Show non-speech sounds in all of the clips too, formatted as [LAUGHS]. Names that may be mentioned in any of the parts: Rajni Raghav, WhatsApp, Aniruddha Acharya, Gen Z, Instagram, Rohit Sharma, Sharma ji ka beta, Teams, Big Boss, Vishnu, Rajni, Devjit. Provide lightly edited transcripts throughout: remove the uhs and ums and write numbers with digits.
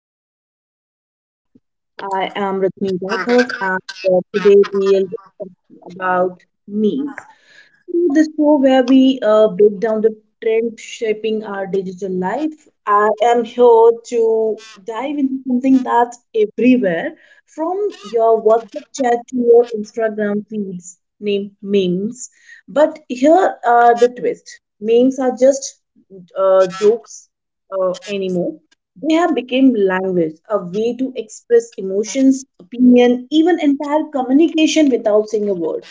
to our podcast studio. I am Rajni Yeah, Raghav and today we'll be talking about memes, the show where we break down the trends shaping our digital life. I am here to dive into something that's everywhere, from your WhatsApp chat to your Instagram feeds, named memes. But here are the twist memes are just jokes anymore. They have become language, a way to express emotions, opinion, even entire communication without saying a word.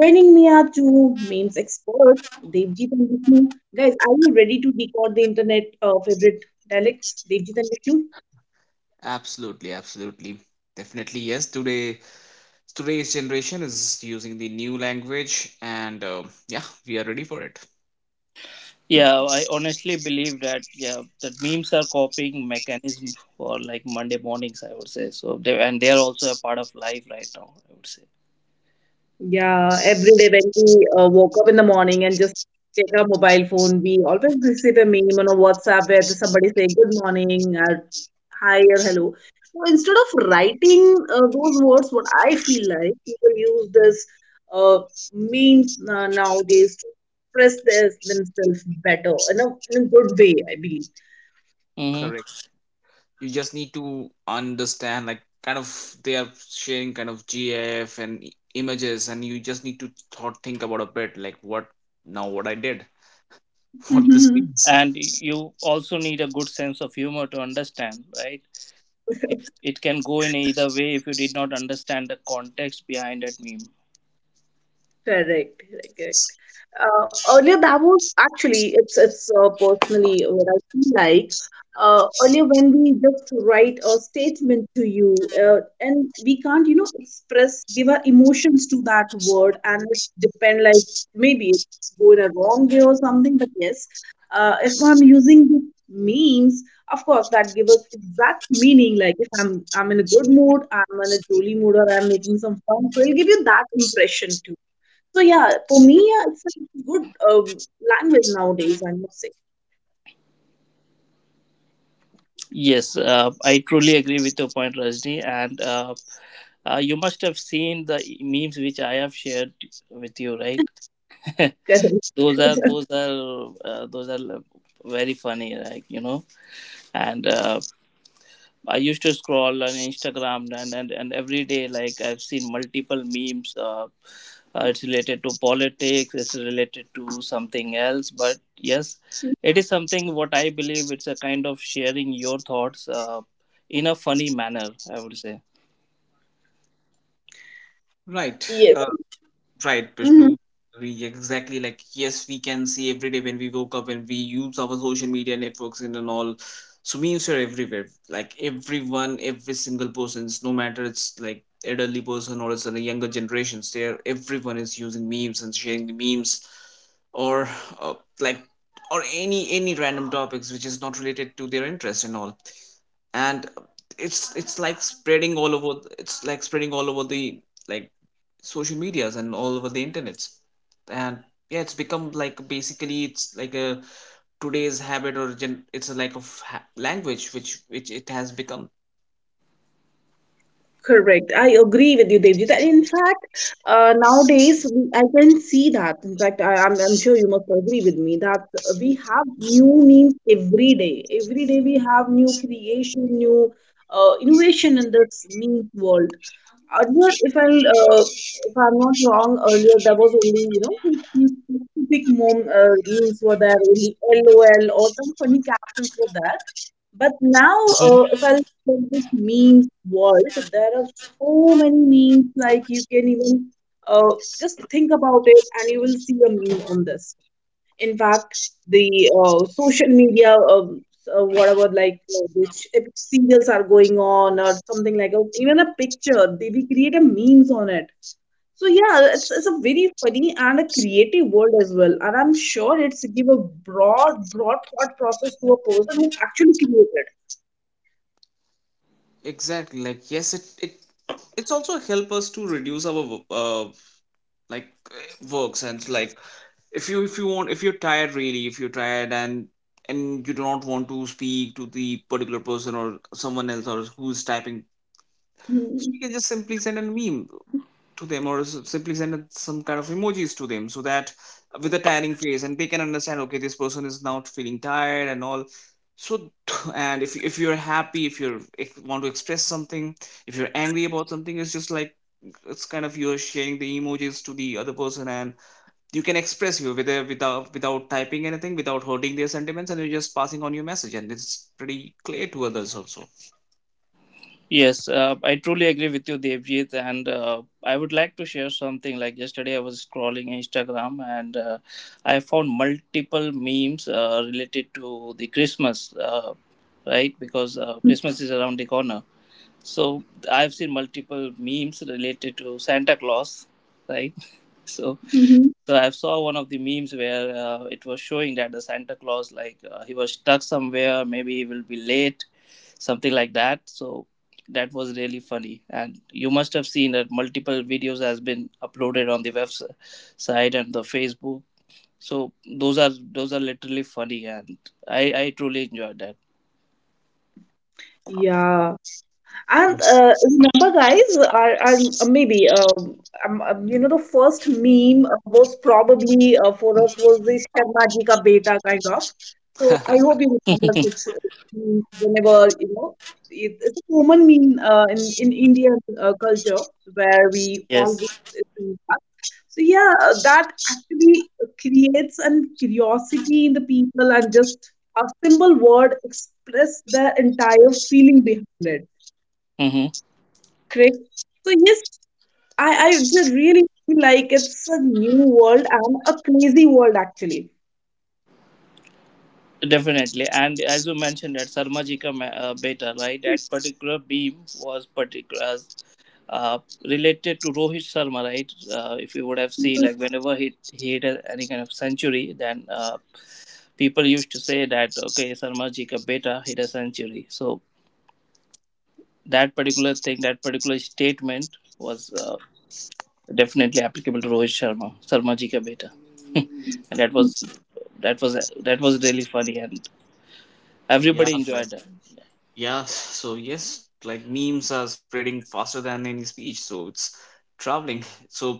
Joining me are two memes experts, Devjit and Vishnu. Guys, are you ready to decode the internet favorite dialects, Devjit and Vishnu? Absolutely, absolutely. Definitely, yes. Today's generation is using the new language, and yeah, we are ready for it. I honestly believe that memes are coping mechanism for, like, Monday mornings, I would say. So they are also a part of life right now, I would say. Yeah, every day when we woke up in the morning and just check our mobile phone, we always receive a meme on a WhatsApp where somebody say good morning or hi or hello. So instead of writing those words, what I feel like people use this uh, memes nowadays to express themselves better in in a good way, I believe. Hmm. Correct. You just need to understand, like, kind of they are sharing kind of GIF and images, and you just need to thought think about a bit, like what now, what I did, [LAUGHS] what this [LAUGHS] means. And you also need a good sense of humor to understand, right? It can go in either way if you did not understand the context behind that meme. Correct, correct, correct. Earlier, that was actually it's personally what I feel like. Earlier, when we just write a statement to you, and we can't, you know, express, give our emotions to that word, and it depend like maybe it's going a wrong way or something. But yes, if I'm using the memes, of course, that give a exact meaning. Like if I'm in a good mood, I'm in a jolly mood, or I'm making some fun, so it'll give you that impression too. So yeah, for me, yeah, it's a good language nowadays, I must say. Yes, I truly agree with your point, Rajni. And you must have seen the memes which I have shared with you, right? [LAUGHS] Those are very funny, like, and I used to scroll on Instagram, and every day, like, I've seen multiple memes, it's related to politics, it's related to something else, but yes, [LAUGHS] it is something what I believe it's a kind of sharing your thoughts in a funny manner, I would say. Right. Yes. uh, Right, Mhm. Prishnu. Exactly. Like, yes, we can see every day when we woke up and we use our social media networks and all. So memes are everywhere. Like everyone, every single persons, no matter it's like elderly person or it's in the younger generations, they are everyone is using memes and sharing the memes, or uh, like or any random topics which is not related to their interest and all. And it's like spreading all over. It's like spreading all over the like social medias and all over the internets and yeah it's become like basically it's like a today's habit or gen- it's a like of ha- language which it has become Correct. I agree with you, Devjit. And in fact, nowadays I can see that. In fact, I'm sure you must agree with me that we have new memes every day. Every day we have new creation, new innovation in this meme world. Earlier, if I'm not wrong, earlier there was only, you know, specific mom, memes were there, only LOL or some funny captions were there. But now, if I in this memes world, there are so many memes, like you can even uh, just think about it and you will see a meme on this. In fact, the social media, whatever, like which if serials are going on or something like that, even a picture, they create a memes on it. So yeah, it's a very funny and a creative world as well, and I'm sure it's give a broad, broad thought process to a person who actually created. exactly like yes it it's also help us to reduce our works and like if you want if you're tired really if you're tired and you do not want to speak to the particular person or someone else or who's typing so you can just simply send a meme to them or simply send some kind of emojis to them so that with a tiring face and they can understand okay this person is now feeling tired and all so [CLEARS THROAT] [TSK] and if you're happy if you want to express something if you're angry about something it's just like it's kind of you're sharing the emojis to the other person and you can express you without typing anything without hurting their sentiments and you're just passing on your message and it's pretty clear to others also Yes, I truly agree with you, Devjit. And I would like to share something. Like, yesterday, I was scrolling Instagram, and I found multiple memes related to the Christmas, right? Because Christmas is around the corner. So I've seen multiple memes related to Santa Claus, right? [LAUGHS] So Hmm. [LAUGHS] so I saw one of the memes where it was showing that the Santa Claus, like, he was stuck somewhere, maybe he will be late, something like that. So that was really funny, and you must have seen that multiple videos has been uploaded on the website and the Facebook. So those are literally funny, and I truly enjoyed that. Ja. And [LAUGHS] remember, guys, our, maybe you know, the first meme was probably for us was the Sharmajika beta kind of. So I hope you remember this meme. Whenever, you know, it's a common meme in Indian culture where we always Yes. see that. So yeah, that actually creates an curiosity in the people and just a simple word express their entire feeling behind it. Mm-hmm. Correct. So yes, I just really feel like it's a new world and a crazy world actually. Definitely. And as you mentioned, that Sarmajika beta, right? That particular beam was particular, uh, related to Rohit Sharma, right? If you would have seen, like, whenever he hit any kind of century, then people used to say that okay, Sharma ji ka beta hit a century. So that particular thing, that particular statement was definitely applicable to Rohit Sharma, Sharma ji ka beta, and that was that was really funny, and yeah, everybody like enjoyed that. yeah. So yes, like memes are spreading faster than any speech. So it's traveling. [LAUGHS] So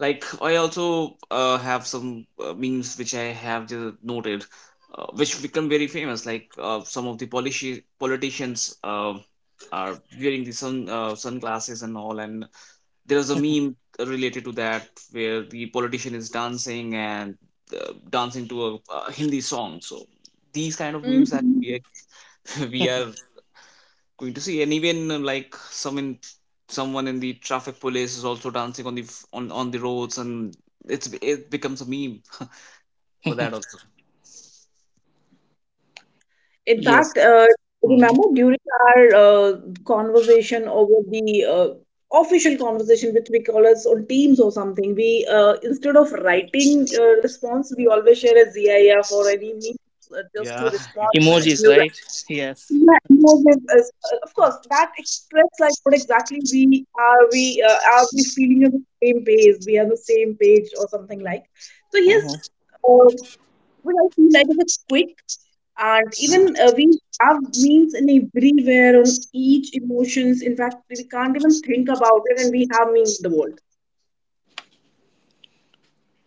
like I also have some memes which I have just noted, which become very famous. Like some of the politicians are wearing the sunglasses and all, and there's a meme related to that where the politician is dancing and dancing to a Hindi song. So these kind of memes that Mhm. we [LAUGHS] we are going to see and even like someone in the traffic police is also dancing on the on the roads and it becomes a meme [LAUGHS] for that also In Yes. fact, Hmm. remember during our conversation over the uh, official conversation, which we call us on Teams or something, we instead of writing response, we always share a GIF or any means just to Yeah, [LAUGHS] respond exactly. Emojis, to. right? Yes. Yeah, no, this is, of course, that express like what exactly we are we feeling on the same page? We are on the same page or something like. So yes, Mm-hmm. um, what I feel like is quick, and even we have memes in everywhere on each emotions. In fact, we can't even think about it, and we have memes in the world.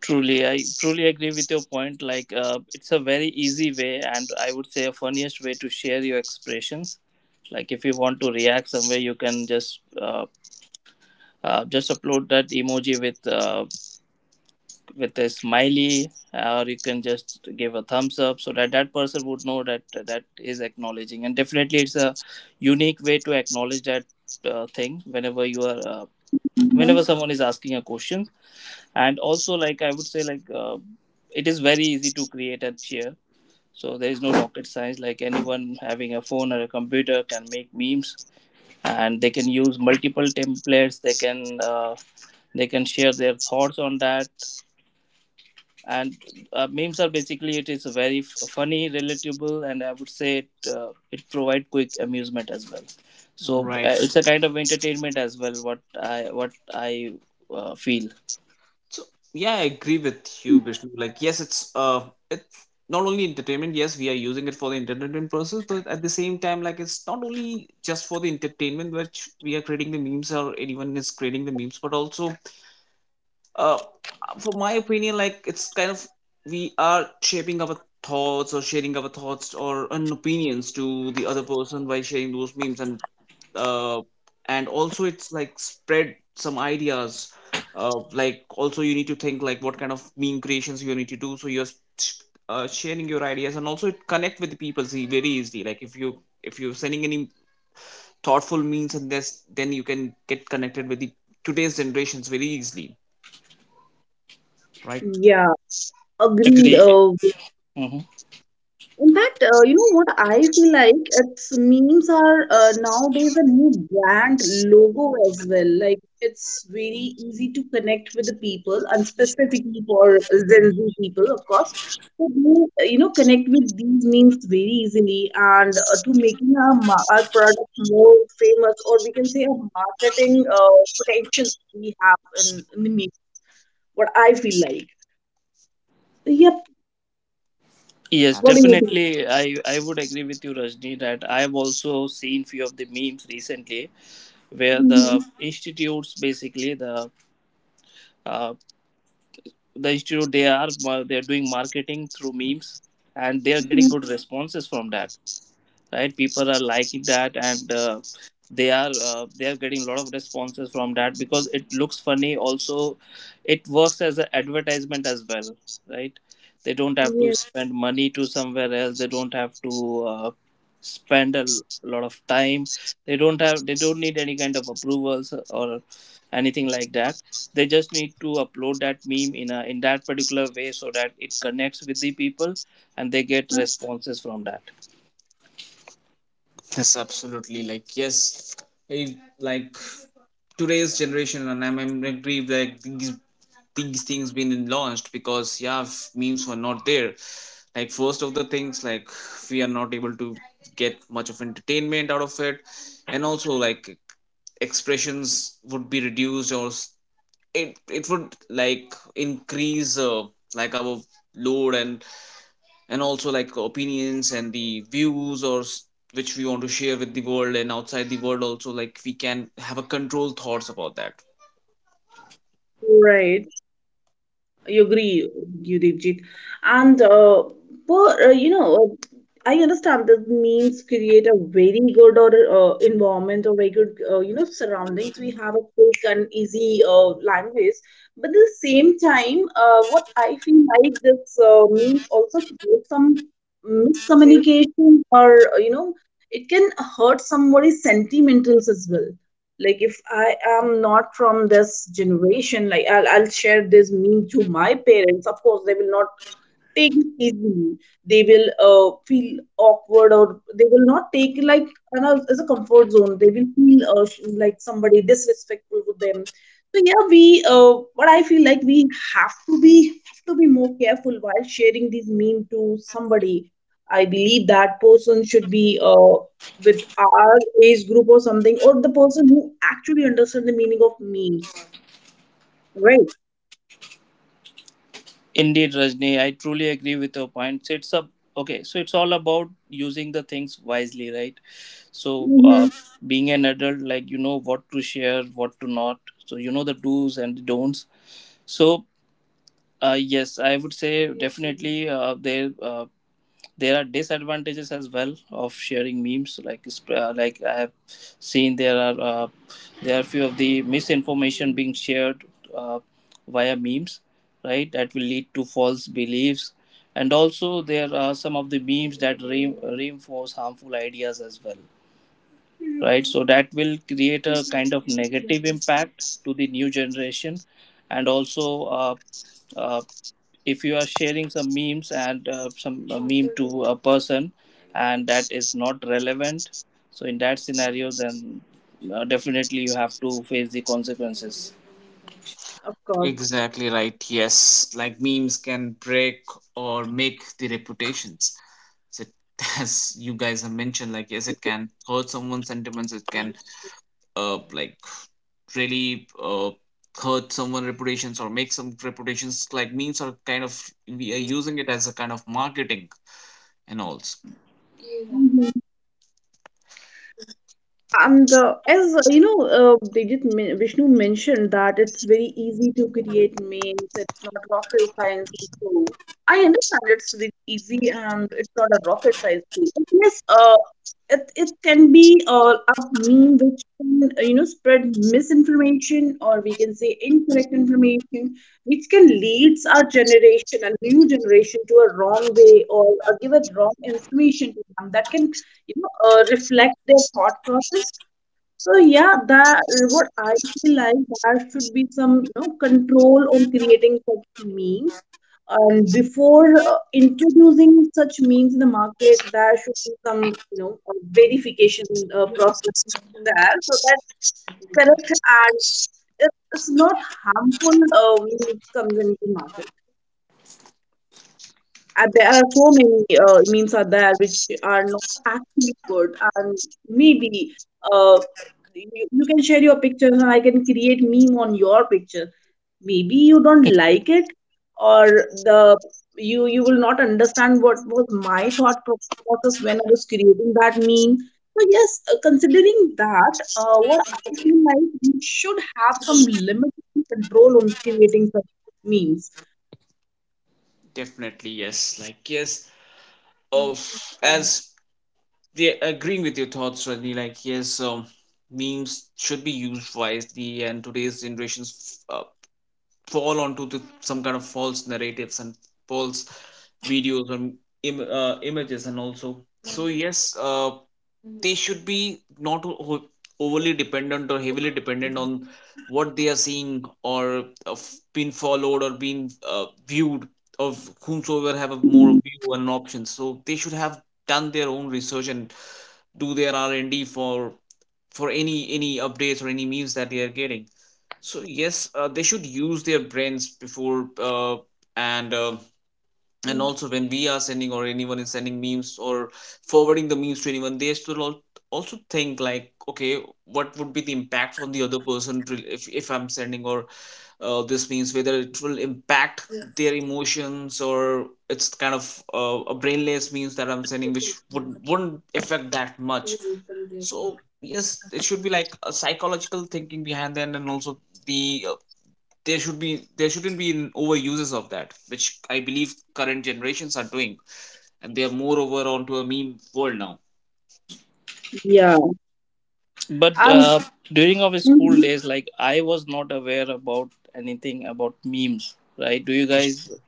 Truly, I truly agree with your point. Like, it's a very easy way, and I would say a funniest way to share your expressions. Like, if you want to react somewhere, you can just upload that emoji with a smiley, or you can just give a thumbs up, so that that person would know that that is acknowledging. And definitely, it's a unique way to acknowledge that thing whenever you are whenever Mhm. someone is asking a question. And also, like, I would say, like, it is very easy to create and share. So there is no rocket science, like, anyone having a phone or a computer can make memes, and they can use multiple templates, they can share their thoughts on that. And memes are basically, it is very funny, relatable, and I would say it, it provide quick amusement as well. So Right. It's a kind of entertainment as well, what I feel. So yeah, I agree with you, Vishnu. Like yes, it's not only entertainment. Yes, we are using it for the entertainment purposes, but at the same time, like it's not only just for the entertainment, which we are creating the memes or anyone is creating the memes, but also uh, for my opinion like it's kind of we are shaping our thoughts or sharing our thoughts or an opinions to the other person by sharing those memes uh, and also it's like spread some ideas like also you need to think like what kind of meme creations you need to do so sharing your ideas and also it connect with the people see very easily like if you if you're sending any thoughtful memes and this then you can get connected with the today's generations very easily right. Yeah, agreed. Agree. Mhm. In fact, you know what I feel like? It's memes are nowadays a new brand logo as well. Like it's very easy to connect with the people, and specifically for Gen Z people, of course. So they, you know, connect with these memes very easily, and to making our our product more famous, or we can say a marketing potentials we have in the meme. What I feel like. So, yep. Yes, What do you think? definitely. I would agree with you, Rajni, that I have also seen few of the memes recently where Hmm. the institutes, basically the uh, institute, they are doing marketing through memes, and they are getting Hmm. good responses from that, right? People are liking that, and they are getting a lot of responses from that, because it looks funny also. It works as an advertisement as well, right? They don't have to Yes. spend money to somewhere else, they don't have to spend a lot of time, they don't need any kind of approvals or anything like that. They just need to upload that meme in a, in that particular way so that it connects with the people, and they get responses from that. Yes, absolutely. Like, yes, like today's generation, and I'm agree. Like these things been launched because yeah, memes were not there. Like first of the things, like we are not able to get much of entertainment out of it, and also like expressions would be reduced or it would like increase like our load and also like opinions and the views which we want to share with the world and outside the world also like we can have a controlled thoughts about that. Right. I agree, Yudhijit. And you know, uh, I understand that memes create a very good or environment or very good, you know, surroundings. We have a quick and easy language, but at the same time, what I feel like this memes also create some miscommunication or, you know, it can hurt somebody's sentimentals as well. Like if I am not from this generation, like I'll share this meme to my parents, of course they will not take it easily. They will feel awkward or they will not take it like as a comfort zone. They will feel like somebody disrespectful with them. So yeah, we what I feel like we have to be more careful while sharing these meme to somebody. I believe that person should be with our age group or something, or the person who actually understands the meaning of memes, right? Indeed, Rajni, I truly agree with your points. It's a Okay, so it's all about using the things wisely, right? So, Mm-hmm. being an adult, like, you know what to share, what to not, so you know the do's and don'ts. So, yes, I would say definitely there. There are disadvantages as well of sharing memes, like like I have seen there are, there are few of the misinformation being shared uh, via memes, right, that will lead to false beliefs. And also, there are some of the memes that reinforce harmful ideas as well, right? So that will create a kind of negative impact to the new generation. And also, uh, if you are sharing some memes and some meme to a person, and that is not relevant, so in that scenario, then definitely you have to face the consequences. Of course. Exactly, right, yes, like memes can break or make the reputations. So it, [LAUGHS] as you guys have mentioned, like yes, it can hurt someone's sentiments, it can like really hurt someone reputations or make some reputations. Like memes are kind of we are using it as a kind of marketing and all. And as you know, Digit Vishnu mentioned that it's very easy to create memes. It's not rocket science. And so I understand it's very easy and it's not a rocket science thing. But yes, it it can be a meme which can, you know, spread misinformation, or we can say incorrect information, which can leads our generation, a new generation, to a wrong way or give a wrong information to them that can, you know, reflect their thought process. So yeah, that what I feel like, there should be some, you know, control on creating such memes, and before introducing such memes in the market, there should be some, you know, verification process there so that correct, and it's not harmful comes into market. There are so many memes are there which are not actually good, and maybe uh, you, you can share your pictures, and I can create meme on your picture. Maybe you don't like it, or the you will not understand what was my process when I was creating that meme. So yes, considering that, what I feel like we should have some limit and control on creating such memes. Definitely, yes. Like, yes, of as yeah, agreeing with your thoughts, Rajni, like, yes, memes should be used wisely, and today's generations fall onto the, some kind of false narratives and false videos and images, and also, so yes, they should be not o- overly dependent or heavily dependent on what they are seeing or of being followed or being viewed of whomsoever have a more view and options, so they should have done their own research and do their r&d for any updates or any memes that they are getting. So yes, they should use their brains before and uh, and also when we are sending or anyone is sending memes or forwarding the memes to anyone, they also think like, okay, what would be the impact on the other person if I'm sending or this means whether it will impact their emotions or it's kind of a brainless means that I'm sending which wouldn't affect that much. So yes, it should be like a psychological thinking behind that, and also the uh, there shouldn't be an overuses of that, which I believe current generations are doing, and they are more over onto a meme world now. Yeah, But and during our school mm-hmm. days, like, I was not aware about anything about memes, right? Do you guys [LAUGHS]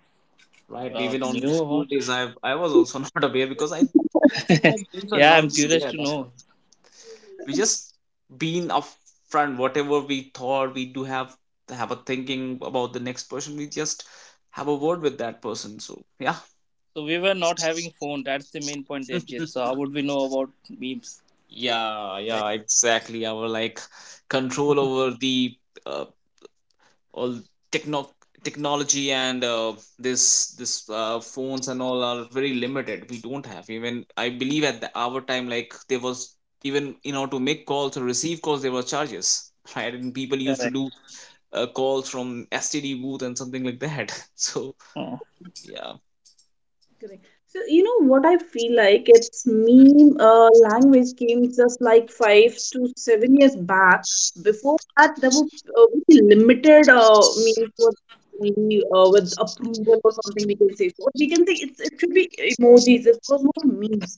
Right, even on knew school about? days I was also [LAUGHS] not aware, because I don't think that memes are Yeah, not I'm being curious there, to that's all. know. We just been upfront whatever we thought, we do have a thinking about the next person, we just have a word with that person, so yeah. So we were not having phone, that's the main point, FJ. So [LAUGHS] how would we know about memes? yeah Right. yeah exactly, our like control over the uh, all techno technology and this phones and all are very limited. We don't have even, I believe at the our time, like there was, even you know, to make calls or receive calls, there were charges. [LAUGHS] Right, and people used to do Correct. Calls from std booth and something like that. [LAUGHS] So Oh. yeah, Correct. So you know what I feel like? It's meme language came just like five to seven years back. Before that, there were very limited memes were only, with approval or something we can say. So we can say it's it should be emojis. It was not memes.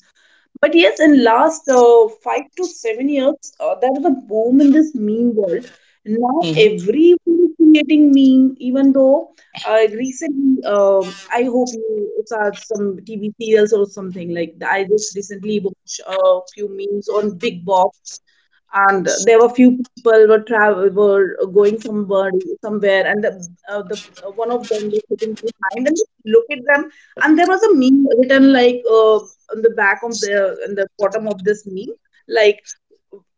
But yes, in last five to seven years, there was a boom in this meme world. Now everyone is creating meme, even though uh, recently, uh, I hope you saw some TV serials or something like that. I just recently watched a few memes on Big Boss, and there were few people were travel were going somewhere, and the one of them was sitting behind and look at them, and there was a meme written like on the back of the in the bottom of this meme like,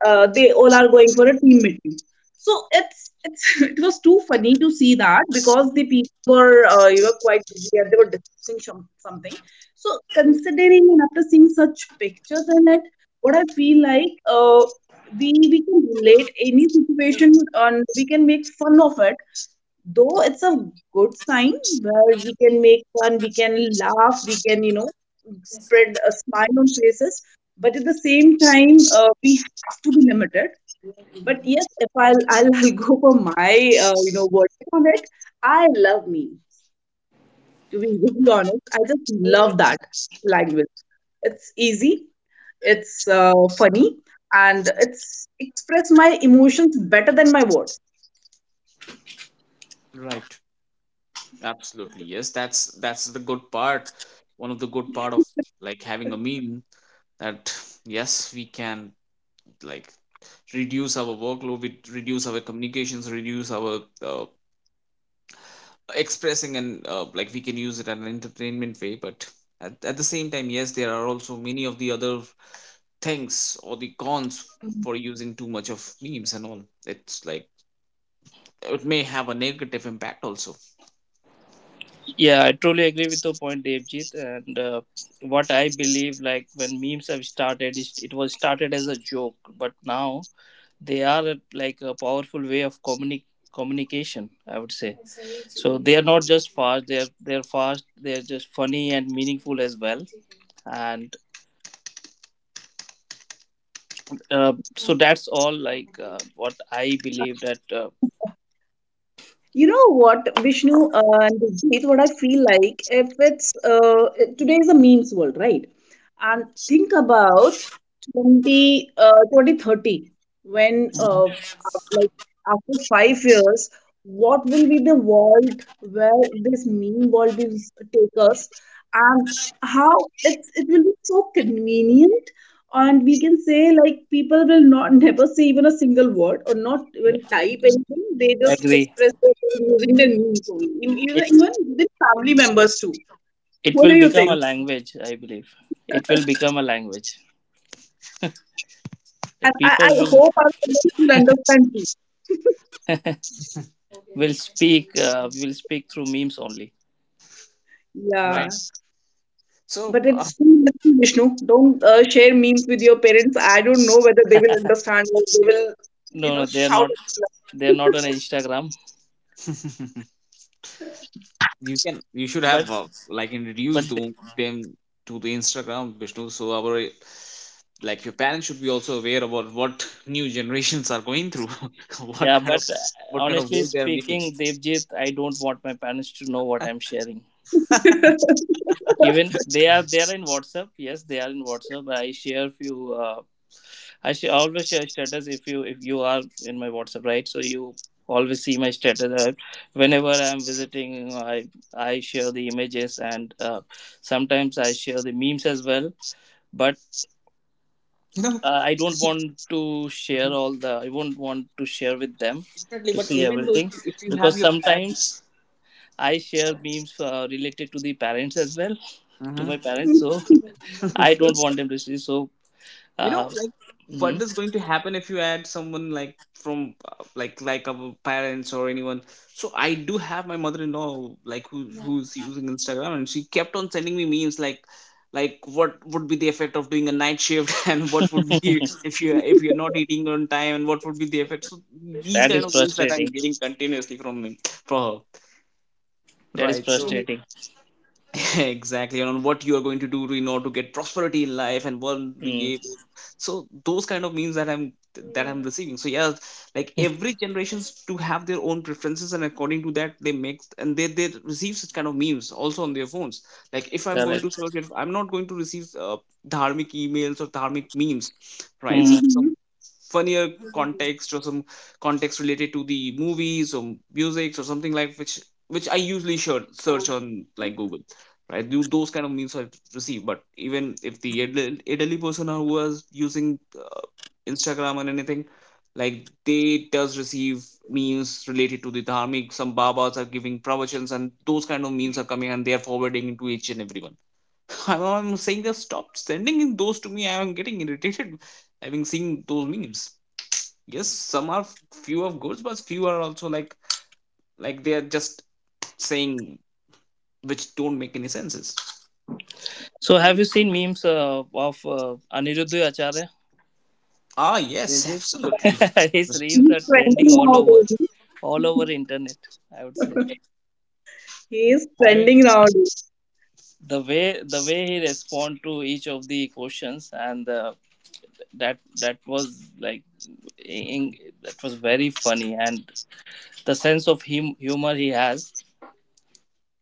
they all are going for a team meeting. So it's [LAUGHS] it was too funny to see that, because the people were, you know, quite busy and they were discussing something. So considering and after seeing such pictures in it, what I feel like we can relate any situation and we can make fun of it, though it's a good sign where we can make fun, we can laugh, we can, you know, spread a smile on faces. But at the same time, we have to be limited. But yes, if I'll, I'll, [LAUGHS] I'll go for my, you know, verdict on it, I love memes. To be really honest, I just love that language. It's easy, it's funny, and it's express my emotions better than my words. right, absolutely yes, that's the good part, one of the good part of like having a meal, that yes, we can like reduce our workload, we reduce our communications, reduce our uh, expressing and like we can use it as an entertainment way, but at the same time yes, there are also many of the other things or the cons for using too much of memes and all. It's like it may have a negative impact also. Yeah, I truly agree with your point, Devjit. And what I believe, like, when memes have started, it was started as a joke, but now they are like a powerful way of communication, I would say. So they are not just fast; they're fast. They're just funny and meaningful as well. And so that's all. Like, what I believe that. You know what, Vishnu and Jeet, what I feel like, if it's today is a memes world, right? And think about 20, uh, 2030 when, like after five years, what will be the world where this meme world will take us, and how it will be so convenient, and we can say like people will not [LAUGHS] never say even a single word or not Yeah, even type anything, they just agree. express their feeling using their memes only. Even It even with family members too. it What will do you become a think? language, I believe. It will become a language And that people I will hope our audience will understand too. will speak uh, will speak through memes only. Yeah, Right. So but it's too risky, Vishnu, don't share memes with your parents. I don't know whether they will understand or they will, you No, know, no, they are shout not. at They are not on Instagram. [LAUGHS] you can, you should have But like but introduced they- to them to the instagram, Vishnu, so our like your parents should be also aware about what new generations are going through. [LAUGHS] What yeah, kind of, but what kind of honestly world they are making. speaking, Devjit, I don't want my parents to know what I'm sharing. Even they are in WhatsApp. Yes, they are in WhatsApp. I share few. Always share status if you are in my WhatsApp, right? So you always see my status. Whenever I'm visiting, I share the images, and sometimes I share the memes as well, but You know. I don't want to share Mhm. all the, I won't want to share with them Definitely, to but see even though everything, if you because have your sometimes parents. I share memes related to the parents as well, to my Mhm. parents, you. so I don't want them to see. So You know, uh, like mhm. what is going to happen if you add someone like from like our parents or anyone, so I do have my mother-in-law, like who, who's using instagram, and she kept on sending me memes like what would be the effect of doing a night shift [LAUGHS] and what would be if you if you're not eating on time and what would be the effect. So these That kind is of memes that frustrating. I'm getting continuously from him, for her. That is Right, so [LAUGHS] Mm. frustrating. [LAUGHS] exactly, and on what you are going to do to in order to get prosperity in life and one, Mm. yeah. So those kind of means that I'm receiving, so yeah, like every generations to have their own preferences, and according to that they make and they receive such kind of memes also on their phones. Like if I'm going to search, Correct. if I'm not going to receive dharmic emails or dharmic memes, right, so Mhm. some Mhm. funnier context or some context related to the movies or music or something like, which I usually should search on like google, right? Those kind of meals are received. But even if the elderly person who was using Instagram and anything, like they does receive memes related to the dharmic. Some babas are giving pravachans, and those kind of memes are coming, and they are forwarding into each and everyone. [LAUGHS] I'm saying that stop sending in those to me. I am getting irritated having seen those memes. Yes, some are few of goods, but few are also like they are just saying which don't make any sense. So, have you seen memes of Aniruddha Acharya? Ah, yes, Did you? absolutely. [LAUGHS] His memes He's are trending trending all over, nowadays. all over internet, I would say. He is I mean, trending nowadays. the way, he respond to each of the questions, and that was like, in, that was very funny. And the sense of humor he has,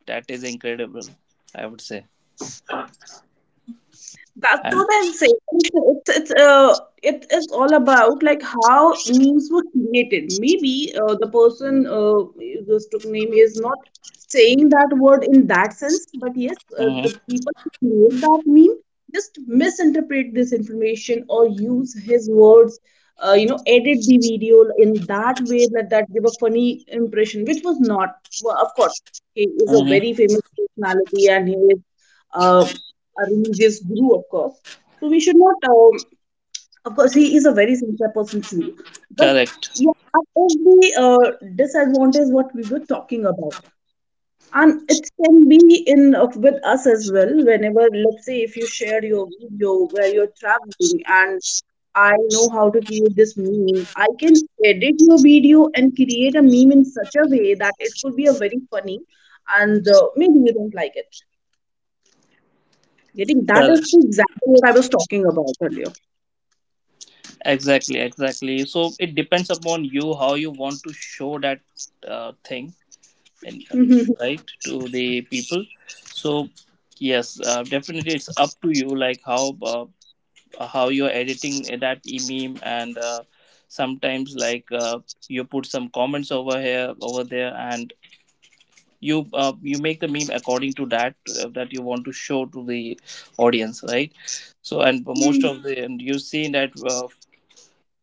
that is incredible, I would say. That's And what I'm saying. It's it is all about like how memes were created. Maybe the person you just took name is not saying that word in that sense, but yes, hmm. the people who create that meme just misinterpret this information or use his words. You know, edit the video in that way that that give a funny impression, which was not. Well, of course, he is a Hmm. very famous personality and he is. Uh, a religious guru, of course. So we should not, of course, he is a very sincere person too. But Correct. yeah, that is the disadvantage what we were talking about. And it can be in with us as well. Whenever, let's say, if you share your video where you're traveling, and I know how to create this meme. I can edit your video and create a meme in such a way that it could be a very funny, and maybe you don't like it. Getting that is Correct. exactly what I was talking about earlier. Exactly, exactly, so it depends upon you how you want to show that thing, in, Mhm. right, to the people. So yes, definitely it's up to you, like, how you're editing that meme. And sometimes, like, you put some comments over here, over there, and you make the meme according to that that you want to show to the audience, right? So, and most Mhm. of the, and you see that uh,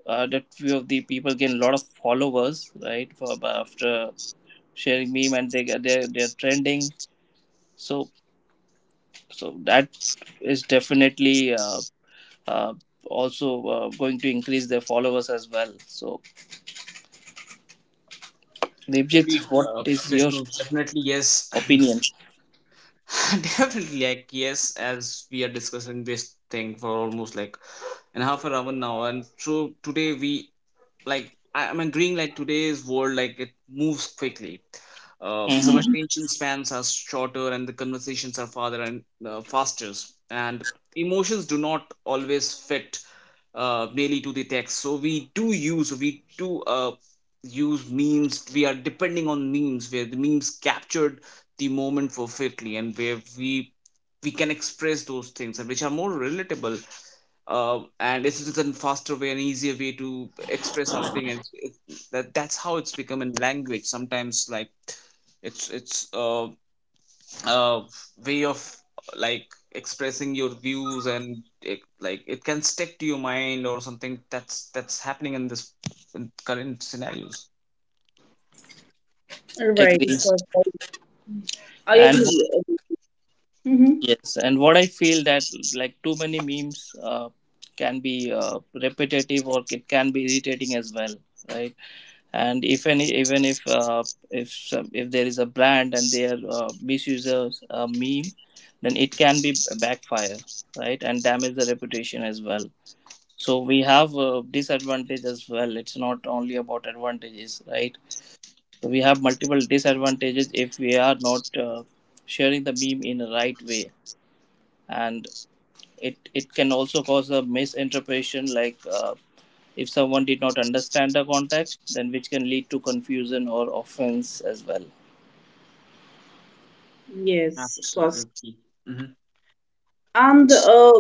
uh, that few of the people gain a lot of followers, right, for, after sharing meme, and they they're trending. So so that is definitely uh, also going to increase their followers as well. So, Deepjit, Agreed. what is your Vishnu, definitely yes. opinion? [LAUGHS] Definitely, like, yes, as we are discussing this thing for almost like an half an hour now. And so today we like I'm agreeing like today's world like it moves quickly, some Hmm. Mhm. attention spans are shorter and the conversations are farther and faster, and emotions do not always fit merely to the text, so we do use memes, we are depending on memes where the memes captured the moment perfectly, and where we can express those things and which are more relatable, and it's just a faster way and easier way to express our thing, and that that's how it's become in language sometimes, like it's uh, uh, way of like expressing your views and like it can stick to your mind or something, that's happening in this in current scenarios. Right, Agree. of course. I And agree. I agree. Mhm. yes, and what I feel that, like, too many memes can be repetitive, or it can be irritating as well, right? And if any, even if some, if there is a brand and they are misuses a meme, then it can be backfire, right, and damage the reputation as well. So we have a disadvantage as well, it's not only about advantages, right? So we have multiple disadvantages if we are not sharing the meme in the right way. And it can also cause a misinterpretation, like, if someone did not understand the context, then, which can lead to confusion or offense as well, Yes, of course. Absolutely. Hmm. And,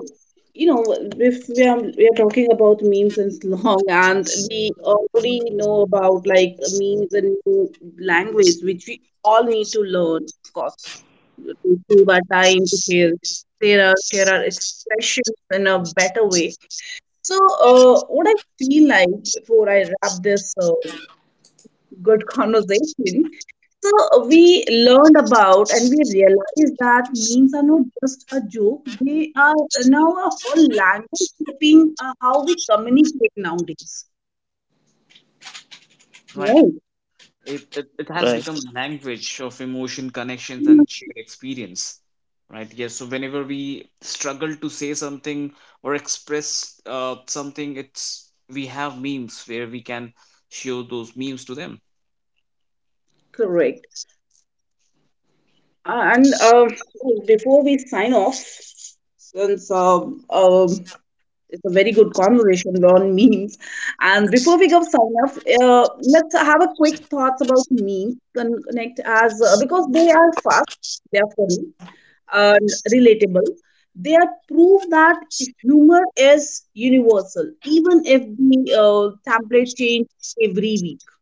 you know, if we are we are talking about memes and slang, [LAUGHS] and we already know about like memes and new language, which we all need to learn, of course, to save our time, to share, share our expressions in a better way. So, what I feel like before I wrap this good [LAUGHS] conversation, so we learned about and we realized that memes are not just a joke, they are now a whole language shaping how we communicate nowadays. Right. Right. It has become right? language of emotion, connections, Mm. and shared experience. Right. Yes. So whenever we struggle to say something or express something, it's we have memes where we can show those memes to them. Correct. And before we sign off, since um it's a very good conversation on [LAUGHS] memes. And before we go sign off, let's have a quick thoughts about memes and connect as because they are fast, they are funny, and relatable. They are proof that humor is universal, even if the template change every week,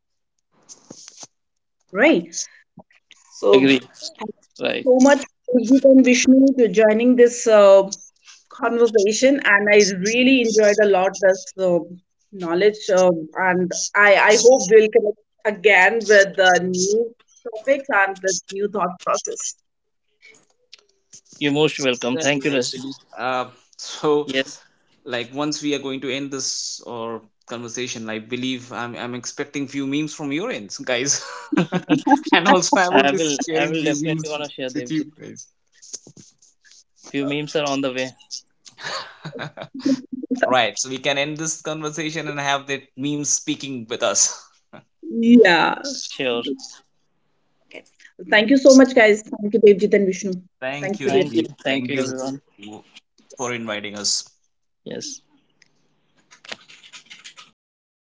right? So Agree. Right. Right. so much Purjit and Vishnu to joining this conversation, and I really enjoyed a lot this knowledge. And I hope we'll connect again with the new topics and with new thought process. You're most welcome, Exactly. thank you, I Raj. believe. [LAUGHS] So Yes, like once we are going to end this or conversation, I believe I'm expecting few memes from your ends, guys, [LAUGHS] and also I would i be will i sharing will few definitely want to memes share, with you Devjit. guys. Few memes are on the way. [LAUGHS] Right. So we can end this conversation and have that meme speaking with us. Yeah. Sure. Okay. Thank you so much, guys. Thank you, Devjit and Vishnu. [LAUGHS] Thank Thanks you, for your Thank you, Rajni. thank Thank you, you everyone. for inviting us. Yes.